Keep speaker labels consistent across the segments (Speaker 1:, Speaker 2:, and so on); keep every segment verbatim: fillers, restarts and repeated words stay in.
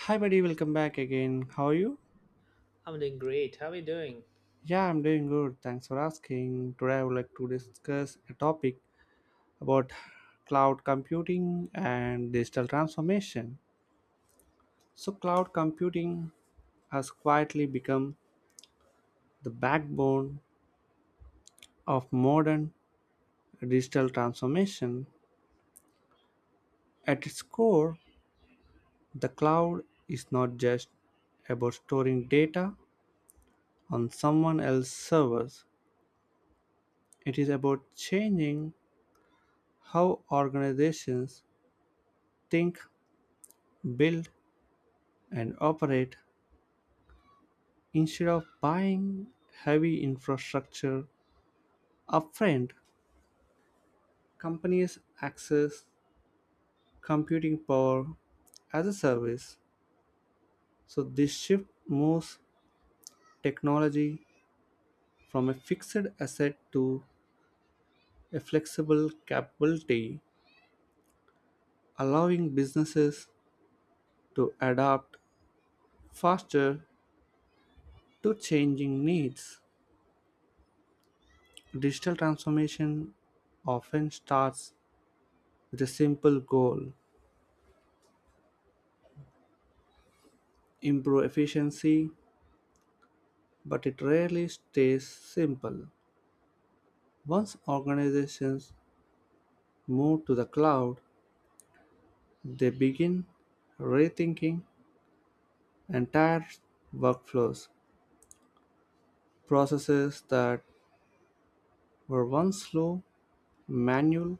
Speaker 1: Hi, buddy, welcome back again. How are you?
Speaker 2: I'm doing great. How are you doing?
Speaker 1: Yeah, I'm doing good. Thanks for asking. Today, I would like to discuss a topic about cloud computing and digital transformation. So, cloud computing has quietly become the backbone of modern digital transformation. At its core, the cloud is not just about storing data on someone else's servers, it is about changing how organizations think, build, and operate instead of buying heavy infrastructure upfront. Companies access computing power as a service. So this shift moves technology from a fixed asset to a flexible capability, allowing businesses to adapt faster to changing needs. Digital transformation often starts with a simple goal: improve efficiency, but it rarely stays simple. Once organizations move to the cloud, they begin rethinking entire workflows. Processes that were once slow, manual,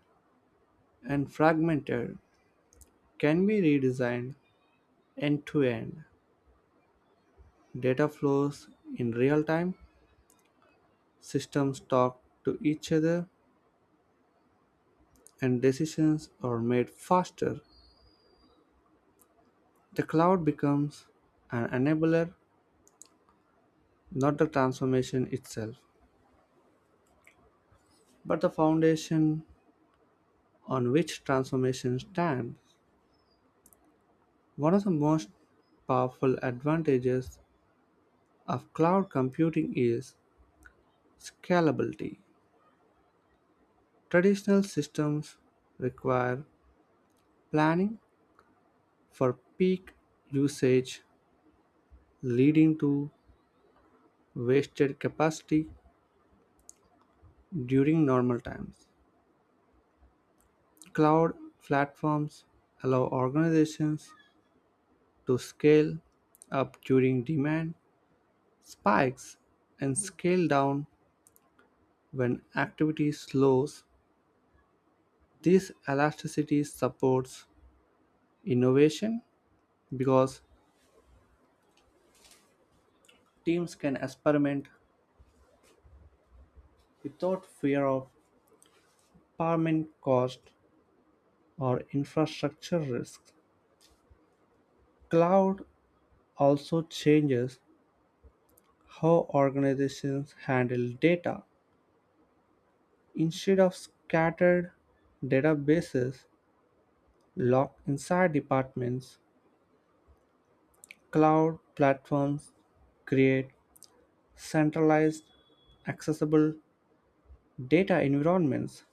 Speaker 1: and fragmented can be redesigned end to end. Data flows in real time, systems talk to each other, and decisions are made faster. The cloud becomes an enabler, not the transformation itself, but the foundation on which transformation stands. One of the most powerful advantages of cloud computing is scalability. Traditional systems require planning for peak usage, leading to wasted capacity during normal times. Cloud platforms allow organizations to scale up during demand spikes and scale down when activity slows. This elasticity supports innovation because teams can experiment without fear of permanent cost or infrastructure risks. Cloud also changes how organizations handle data. Instead of scattered databases locked inside departments, cloud platforms create centralized, accessible data environments.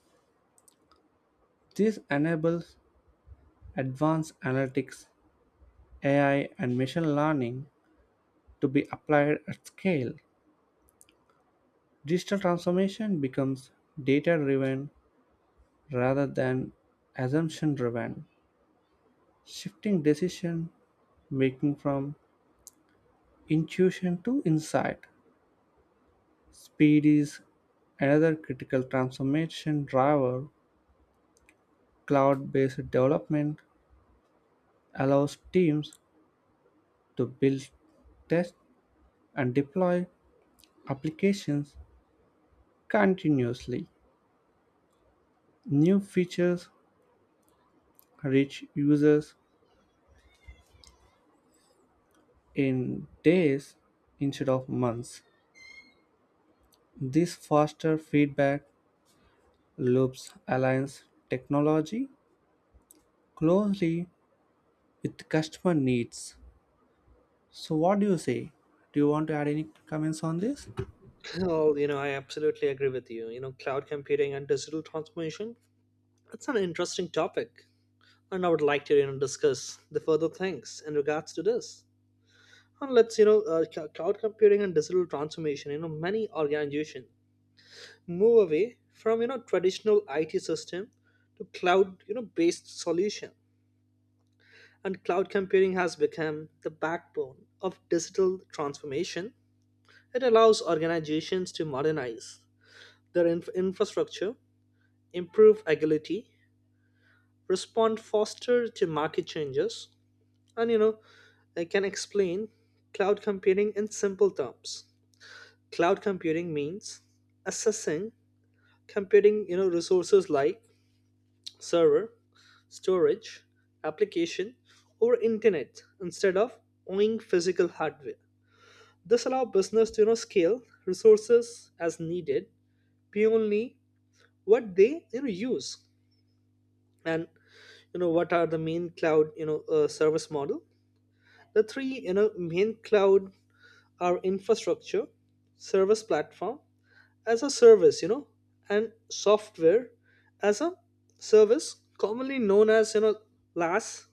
Speaker 1: This enables advanced analytics, A I, and machine learning to be applied at scale. Digital transformation becomes data driven rather than assumption driven, shifting decision making from intuition to insight. Speed is another critical transformation driver. Cloud-based development allows teams to build, test, and deploy applications continuously. New features reach users in days instead of months. This faster feedback loops aligns technology closely with customer needs. So, what do you say? Do you want to add any comments on this?
Speaker 2: Well, you know, I absolutely agree with you. You know, cloud computing and digital transformation, it's an interesting topic. And I would like to, you know, discuss the further things in regards to this. And let's, you know, uh, cl- cloud computing and digital transformation, you know, many organizations move away from, you know, traditional I T system to cloud, you know, based solution. And cloud computing has become the backbone of digital transformation. It allows organizations to modernize Their inf- infrastructure, improve agility, respond faster to market changes, and you know, I can explain cloud computing in simple terms. Cloud computing means assessing computing, you know, resources like server, storage, application, or internet instead of owning physical hardware. This allows business to you know scale resources as needed beyond what they you know use. And you know what are the main cloud you know uh, service model? The three you know main cloud are infrastructure service, platform as a service, you know, and software as a service, commonly known as you know las,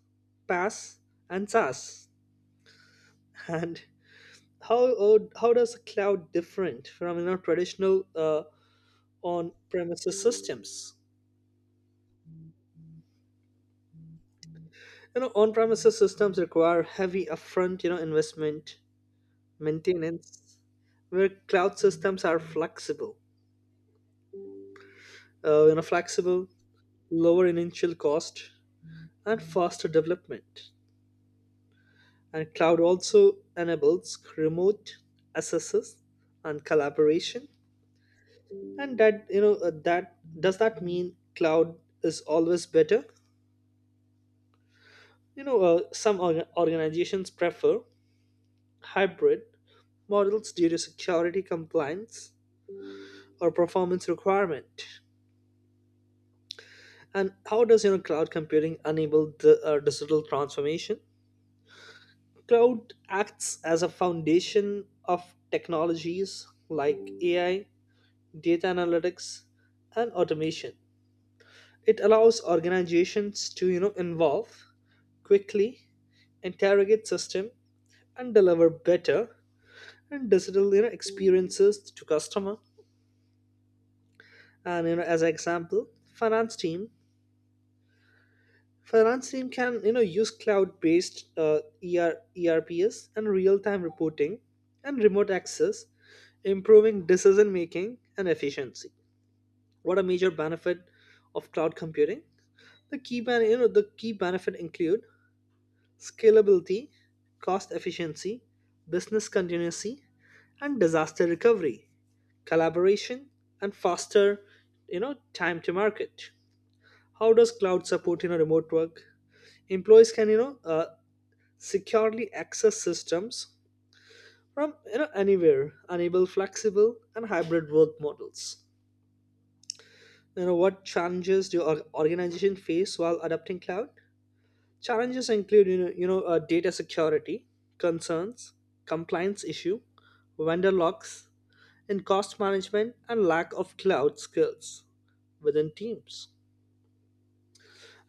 Speaker 2: PaaS, and saas. And how uh, how does the cloud different from you know traditional uh, on premises systems? You know, on premises systems require heavy upfront you know investment, maintenance, where cloud systems are flexible uh, you know flexible, lower initial cost, and faster development. And cloud also enables remote access and collaboration. And that you know uh, that does that mean cloud is always better? You know uh, some orga- organizations prefer hybrid models due to security compliance or performance requirement. And how does you know cloud computing enable the uh, digital transformation? Cloud acts as a foundation of technologies like A I, data analytics, and automation. It allows organizations to you know involve quickly, interrogate system, and deliver better and digital you know experiences to customer. And you know, as an example, finance team finance team can you know use cloud-based uh, E R, E R Ps and real-time reporting and remote access, improving decision making and efficiency. What a major benefit of cloud computing! The key ben- you know the key benefit include scalability, cost efficiency, business continuity, and disaster recovery, collaboration, and faster you know time to market. How does cloud support you know remote work? Employees can you know uh, securely access systems from you know anywhere, enable flexible and hybrid work models. You know, what challenges do your organization face while adopting cloud? Challenges include you know, you know uh, data security concerns, compliance issue, vendor locks, and cost management, and lack of cloud skills within teams.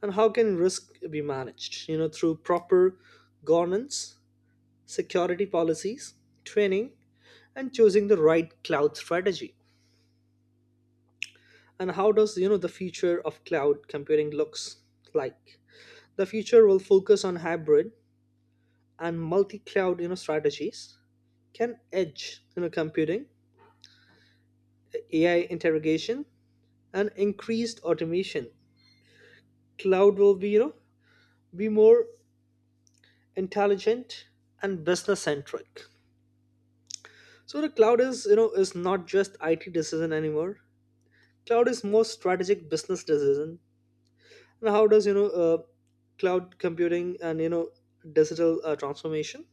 Speaker 2: And how can risk be managed? You know, through proper governance, security policies, training, and choosing the right cloud strategy. And how does you know the future of cloud computing looks like? The future will focus on hybrid and multi-cloud you know strategies, can edge you know computing, A I interrogation, and increased automation. Cloud will be you know be more intelligent and business centric. So the cloud is you know is not just I T decision anymore. Cloud is more strategic business decision. And how does you know uh, cloud computing and you know digital uh, transformation,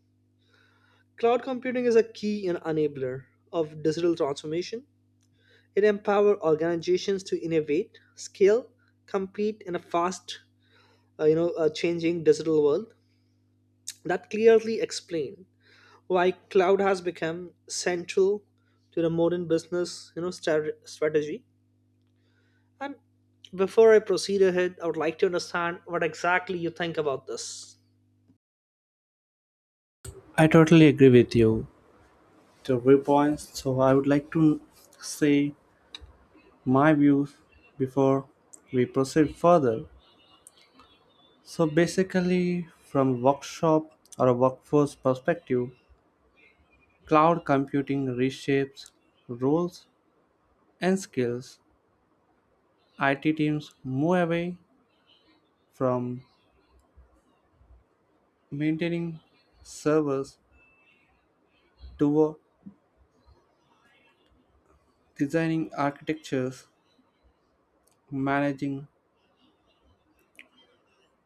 Speaker 2: cloud computing is a key and enabler of digital transformation. It empowers organizations to innovate, scale, compete in a fast uh, you know uh, changing digital world. That clearly explain why cloud has become central to the modern business you know stra- strategy. And before I proceed ahead, I would like to understand what exactly you think about this.
Speaker 1: I totally agree with you. The three points. So I would like to say my views before we proceed further. So, basically, from a workshop or a workforce perspective, cloud computing reshapes roles and skills. I T teams move away from maintaining servers toward designing architectures, managing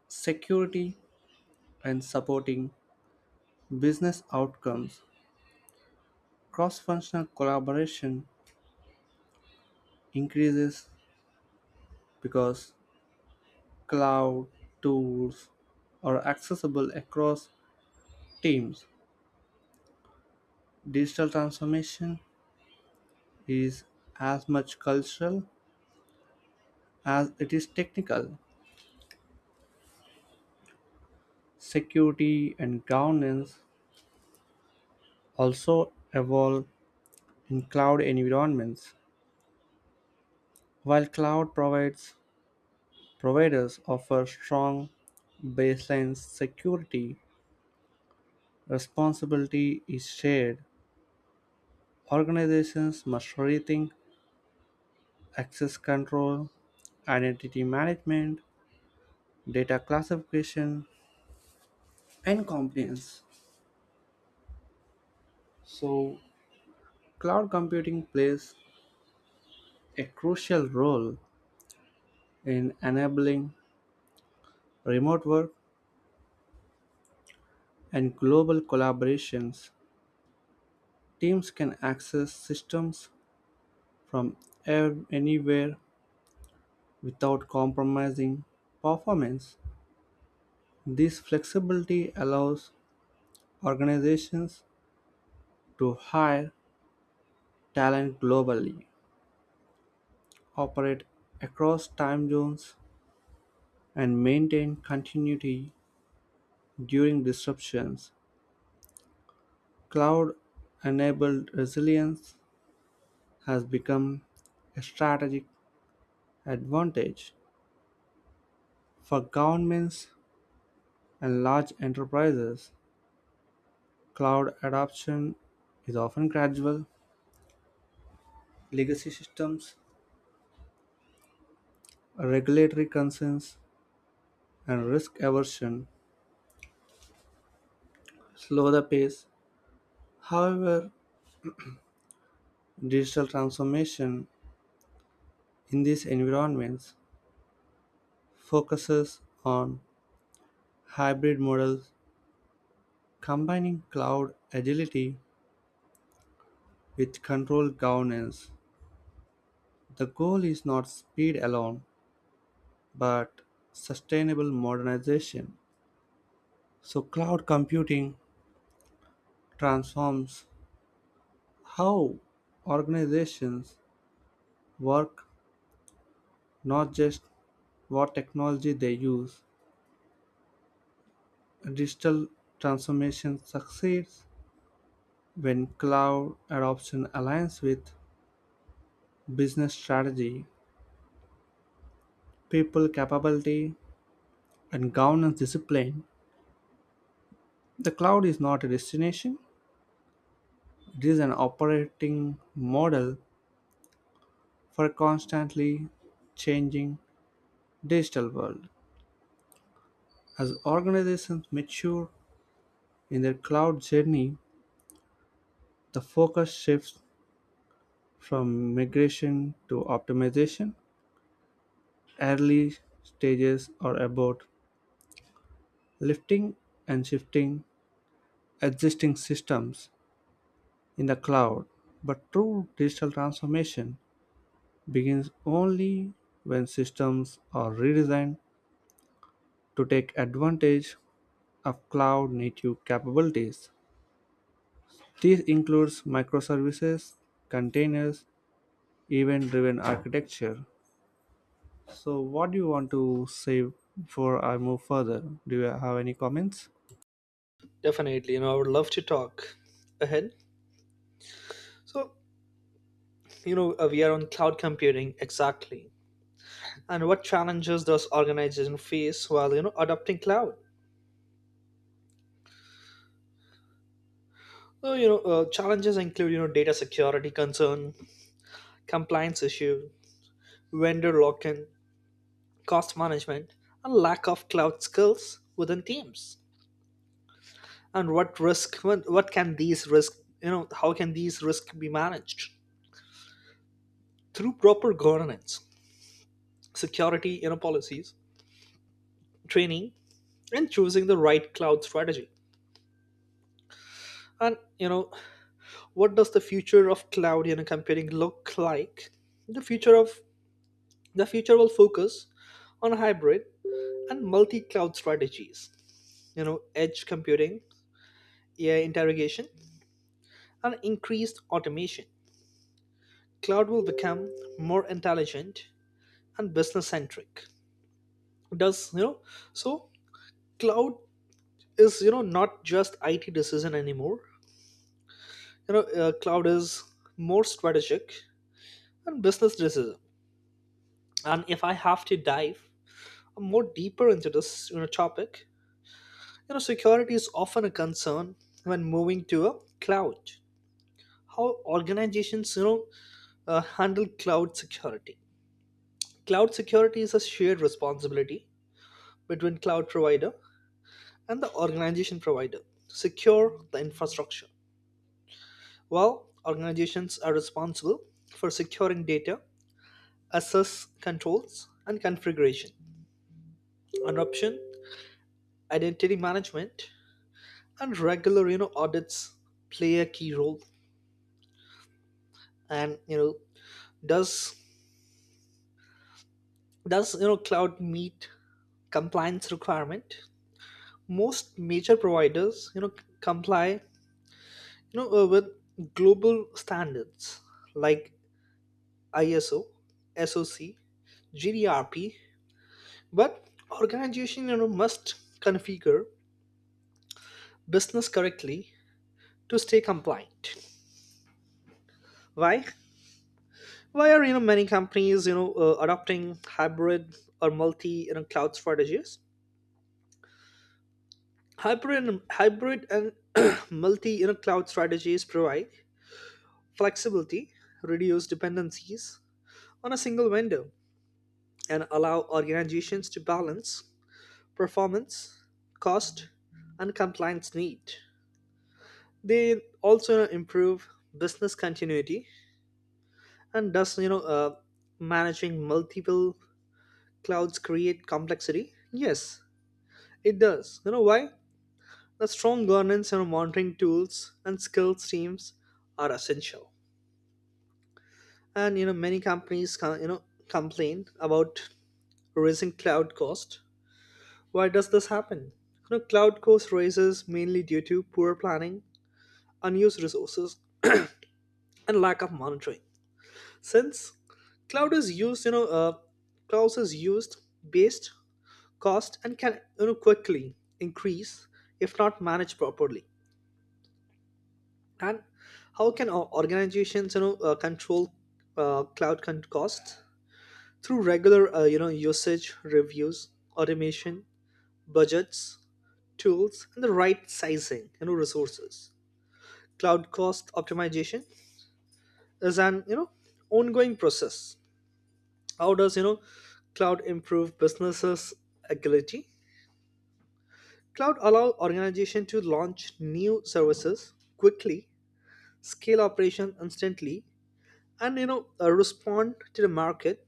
Speaker 1: security, and supporting business outcomes. Cross functional collaboration increases because cloud tools are accessible across teams. Digital transformation is as much cultural as it is technical. Security and governance also evolve in cloud environments. While cloud provides providers offer strong baseline security, responsibility is shared. Organizations must rethink access control, identity management, data classification, and compliance. So, cloud computing plays a crucial role in enabling remote work and global collaborations. Teams can access systems from ev- anywhere without compromising performance. This flexibility allows organizations to hire talent globally, operate across time zones, and maintain continuity. During disruptions, cloud-enabled resilience has become a strategic advantage for governments and large enterprises. Cloud adoption is often gradual. Legacy systems, regulatory concerns, and risk aversion slow the pace. However, digital transformation in these environments focuses on hybrid models combining cloud agility with controlled governance. The goal is not speed alone, but sustainable modernization. So, cloud computing transforms how organizations work, not just what technology they use. Digital transformation succeeds when cloud adoption aligns with business strategy, people capability, and governance discipline. The cloud is not a destination, it is an operating model for a constantly changing digital world. As organizations mature in their cloud journey, the focus shifts from migration to optimization. Early stages are about lifting and shifting existing systems in the cloud, but true digital transformation begins only when systems are redesigned to take advantage of cloud-native capabilities. This includes microservices, containers, event-driven architecture. So, what do you want to say before I move further? Do you have any comments?
Speaker 2: Definitely, you know, I would love to talk ahead. So, you know, uh, we are on cloud computing exactly. And what challenges does organization face while, you know, adopting cloud? So, you know, uh, challenges include, you know, data security concern, compliance issue, vendor lock-in, cost management, and lack of cloud skills within teams. And what risk what, what can these risk, you know, how can these risks be managed? Through proper governance, security you know policies, training, and choosing the right cloud strategy. And you know, what does the future of cloud you know computing look like? the future of the future will focus on hybrid and multi-cloud strategies, you know, edge computing, AI interrogation, and increased automation. Cloud will become more intelligent and business centric. Does you know, so cloud is you know not just IT decision anymore. You know uh, cloud is more strategic and business decision. And if I have to dive more deeper into this you know topic, you know security is often a concern when moving to a cloud. How organizations you know uh, handle cloud security? Cloud security is a shared responsibility between cloud provider and the organization provider to secure the infrastructure. Well, organizations are responsible for securing data, access controls, and configuration. Adoption, identity management, and regular you know audits play a key role. And you know, does does you know cloud meet compliance requirement? Most major providers you know comply you know uh, with global standards like I S O, S O C, G D R P, but organization you know must configure business correctly to stay compliant. Why? Why are you know many companies you know uh, adopting hybrid or multi you know cloud strategies? Hybrid hybrid and multi you know cloud strategies provide flexibility, reduce dependencies on a single vendor, and allow organizations to balance performance, cost, and compliance need. They also improve business continuity. And does you know uh, managing multiple clouds create complexity? Yes, it does. You know why? The strong governance and monitoring tools and skills teams are essential. And you know, many companies can you know complain about raising cloud cost. Why does this happen? You know, cloud cost raises mainly due to poor planning, unused resources, and lack of monitoring, since cloud is used you know uh, clouds is used based cost and can you know quickly increase if not managed properly. And how can o- organizations you know uh, control uh, cloud con- costs? Through regular uh, you know usage reviews, automation, budgets, tools, and the right sizing you know resources. Cloud cost optimization is an you know ongoing process. How does you know cloud improve businesses agility? Cloud allow organization to launch new services quickly, scale operation instantly, and you know uh, respond to the market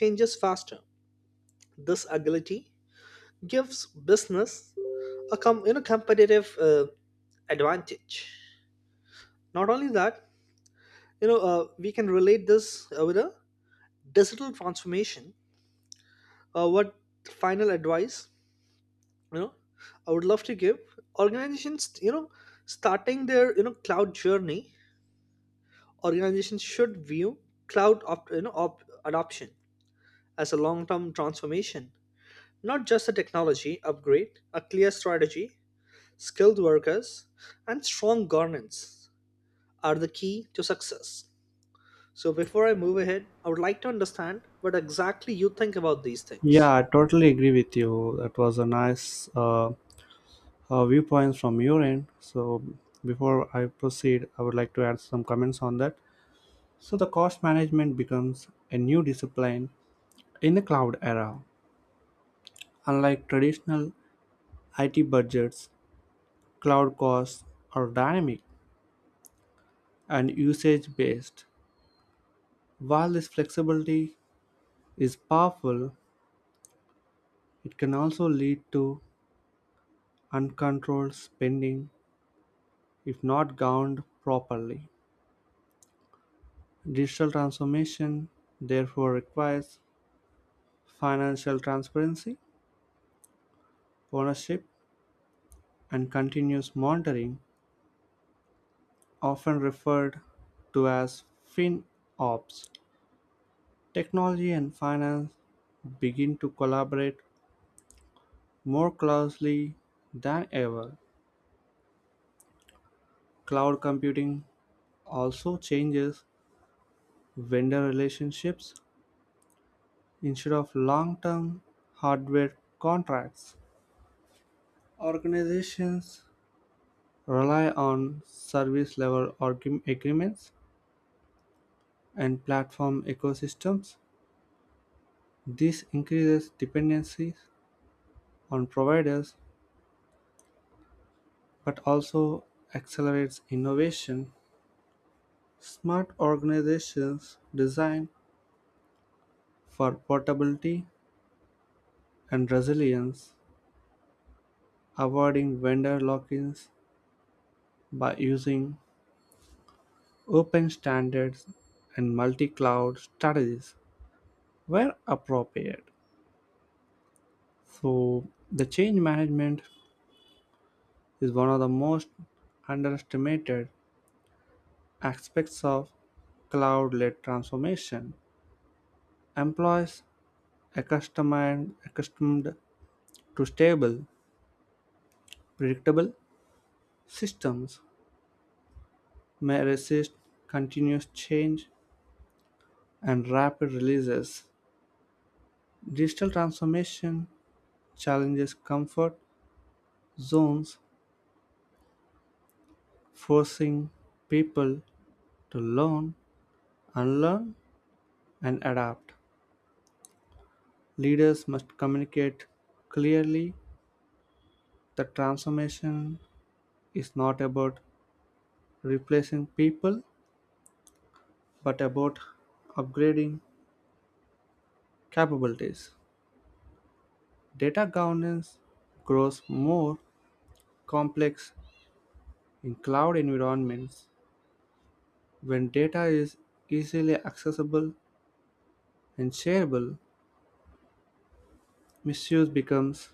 Speaker 2: changes faster. This agility gives business a com- you know competitive uh, advantage. Not only that, you know uh, we can relate this uh, with a digital transformation. Uh, what final advice you know I would love to give organizations you know starting their you know cloud journey? Organizations should view cloud opt, you know op- adoption as a long-term transformation, not just a technology upgrade. A clear strategy, skilled workers, and strong governance are the key to success. So before I move ahead, I would like to understand what exactly you think about these things.
Speaker 1: Yeah, I totally agree with you. That was a nice uh, uh, viewpoints from your end. So before I proceed, I would like to add some comments on that. So the cost management becomes a new discipline in the cloud era. Unlike traditional I T budgets, cloud costs are dynamic and usage based. While this flexibility is powerful, it can also lead to uncontrolled spending if not governed properly. Digital transformation therefore requires financial transparency, ownership, and continuous monitoring, often referred to as FinOps. Technology and finance begin to collaborate more closely than ever. Cloud computing also changes vendor relationships. Instead of long term hardware contracts, organizations rely on service level argu- agreements and platform ecosystems. This increases dependencies on providers but also accelerates innovation. Smart organizations design for portability and resilience, avoiding vendor lock-ins by using open standards and multi-cloud strategies where appropriate. So the change management is one of the most underestimated aspects of cloud-led transformation. Employees accustomed, accustomed to stable, predictable systems may resist continuous change and rapid releases. Digital transformation challenges comfort zones, forcing people to learn, unlearn, and adapt. Leaders must communicate clearly that transformation is not about replacing people but about upgrading capabilities. Data governance grows more complex in cloud environments. When data is easily accessible and shareable, misuse becomes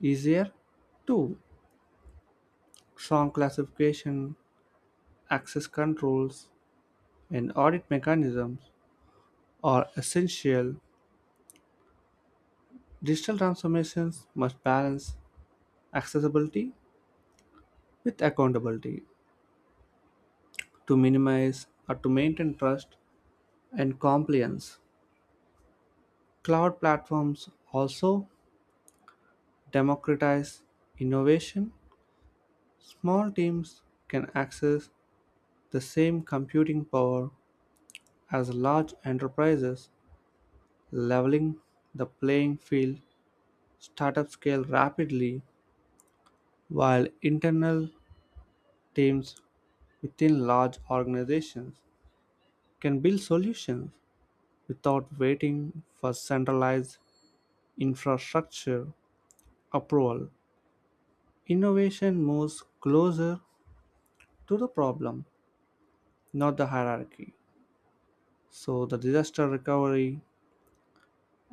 Speaker 1: easier, too: song classification, access controls, and audit mechanisms are essential. Digital transformations must balance accessibility with accountability to minimize or to maintain trust and compliance. Cloud platforms also democratize innovation. Small teams can access the same computing power as large enterprises, leveling the playing field. Startups scale rapidly, while internal teams within large organizations can build solutions without waiting for centralized infrastructure approval. Innovation moves closer to the problem, not the hierarchy. So the disaster recovery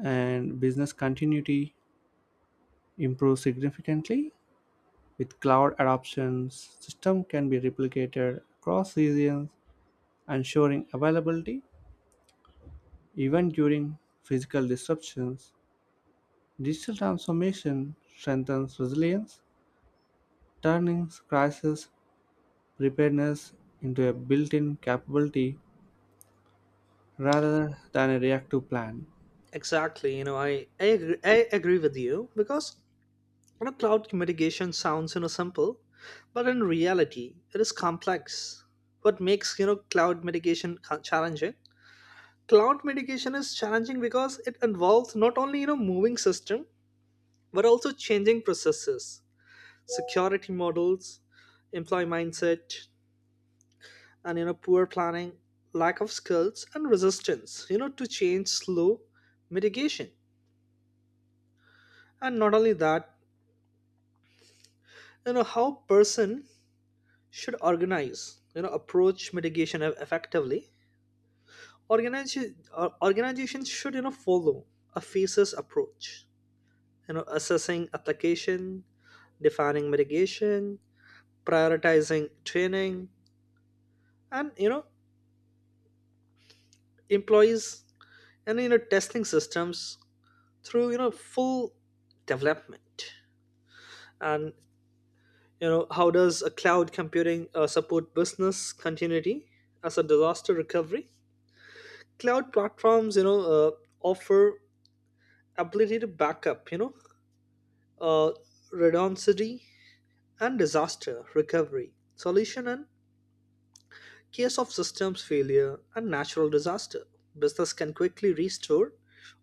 Speaker 1: and business continuity improve significantly. With cloud adoption, system can be replicated across regions, ensuring availability even during physical disruptions. Digital transformation strengthens resilience, turning crisis preparedness into a built-in capability rather than a reactive plan.
Speaker 2: Exactly, you know i i, agree- I agree with you, because you know, cloud mitigation sounds you know simple, but in reality, it is complex. What makes you know cloud mitigation ca- challenging? Cloud mitigation is challenging because it involves not only you know moving system, but also changing processes, security models, employee mindset, and you know poor planning, lack of skills, and resistance. You know, to change slow mitigation. And not only that, you know how person should organize you know approach mitigation eff- effectively? Organization organizations should you know follow a phases approach, you know, assessing application, defining mitigation, prioritizing training, and you know employees, and you know testing systems through you know full development. And you know, how does a cloud computing uh, support business continuity as a disaster recovery? Cloud platforms you know uh, offer ability to backup, you know, uh, redundancy, and disaster recovery solution in case of systems failure and natural disaster. Business can quickly restore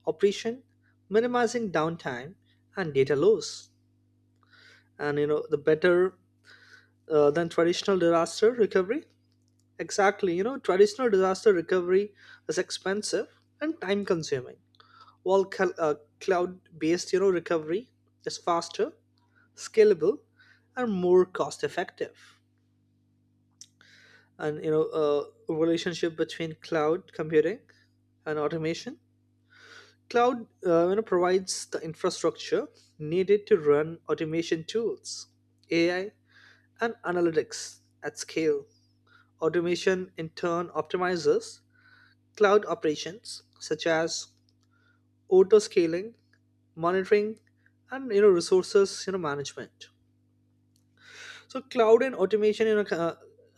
Speaker 2: operation, minimizing downtime and data loss. And you know, the better uh, than traditional disaster recovery. Exactly, you know, traditional disaster recovery is expensive and time consuming, while cl- uh, cloud-based, you know, recovery is faster, scalable, and more cost effective. And you know, uh, relationship between cloud computing and automation. Cloud uh, you know, provides the infrastructure needed to run automation tools, A I, and analytics at scale. Automation in turn optimizes cloud operations such as auto scaling, monitoring, and you know resources you know management. So cloud and automation, you know, co-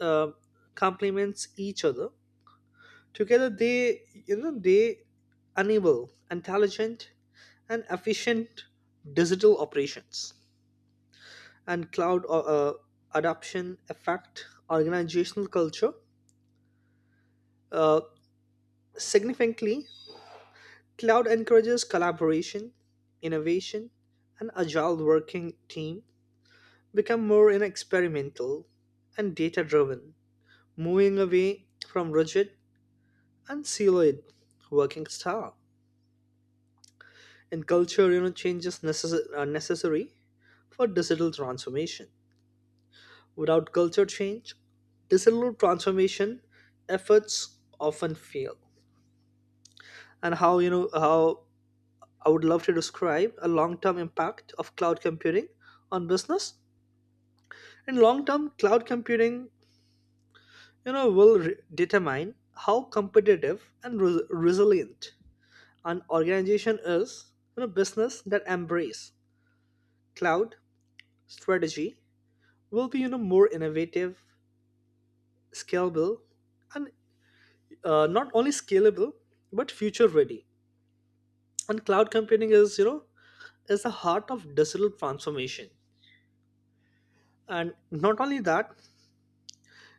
Speaker 2: uh, uh, complements each other. Together, they, you know, they enable intelligent and efficient digital operations. And cloud uh, uh, adoption affect organizational culture uh, significantly. Cloud encourages collaboration, innovation, and agile working team become more you know experimental and data driven, moving away from rigid and solid working style. And culture you know changes necess- are necessary for digital transformation. Without culture change, digital transformation efforts often fail. And how you know how I would love to describe a long-term impact of cloud computing on business? In long-term, cloud computing you know will re- determine how competitive and re- resilient an organization is. You know, business that embrace cloud strategy will be you know more innovative, scalable, and uh, not only scalable, but future ready. And cloud computing is you know is the heart of digital transformation. And not only that,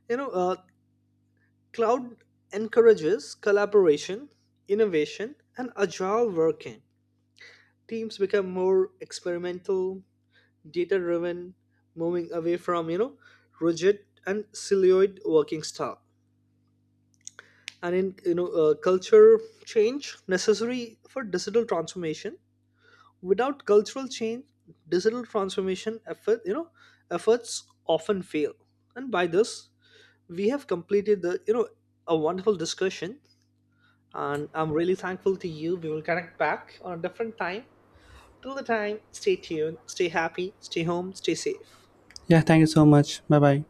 Speaker 2: you know uh, cloud encourages collaboration, innovation, and agile working. Teams become more experimental, data driven, moving away from you know rigid and siloed working style. And in you know uh, culture change necessary for digital transformation, without cultural change, digital transformation effort you know efforts often fail. And by this, we have completed the you know a wonderful discussion, and I'm really thankful to you. We will connect back on a different time. Till the time, stay tuned, stay happy, stay home, stay safe.
Speaker 1: Yeah, thank you so much. Bye bye.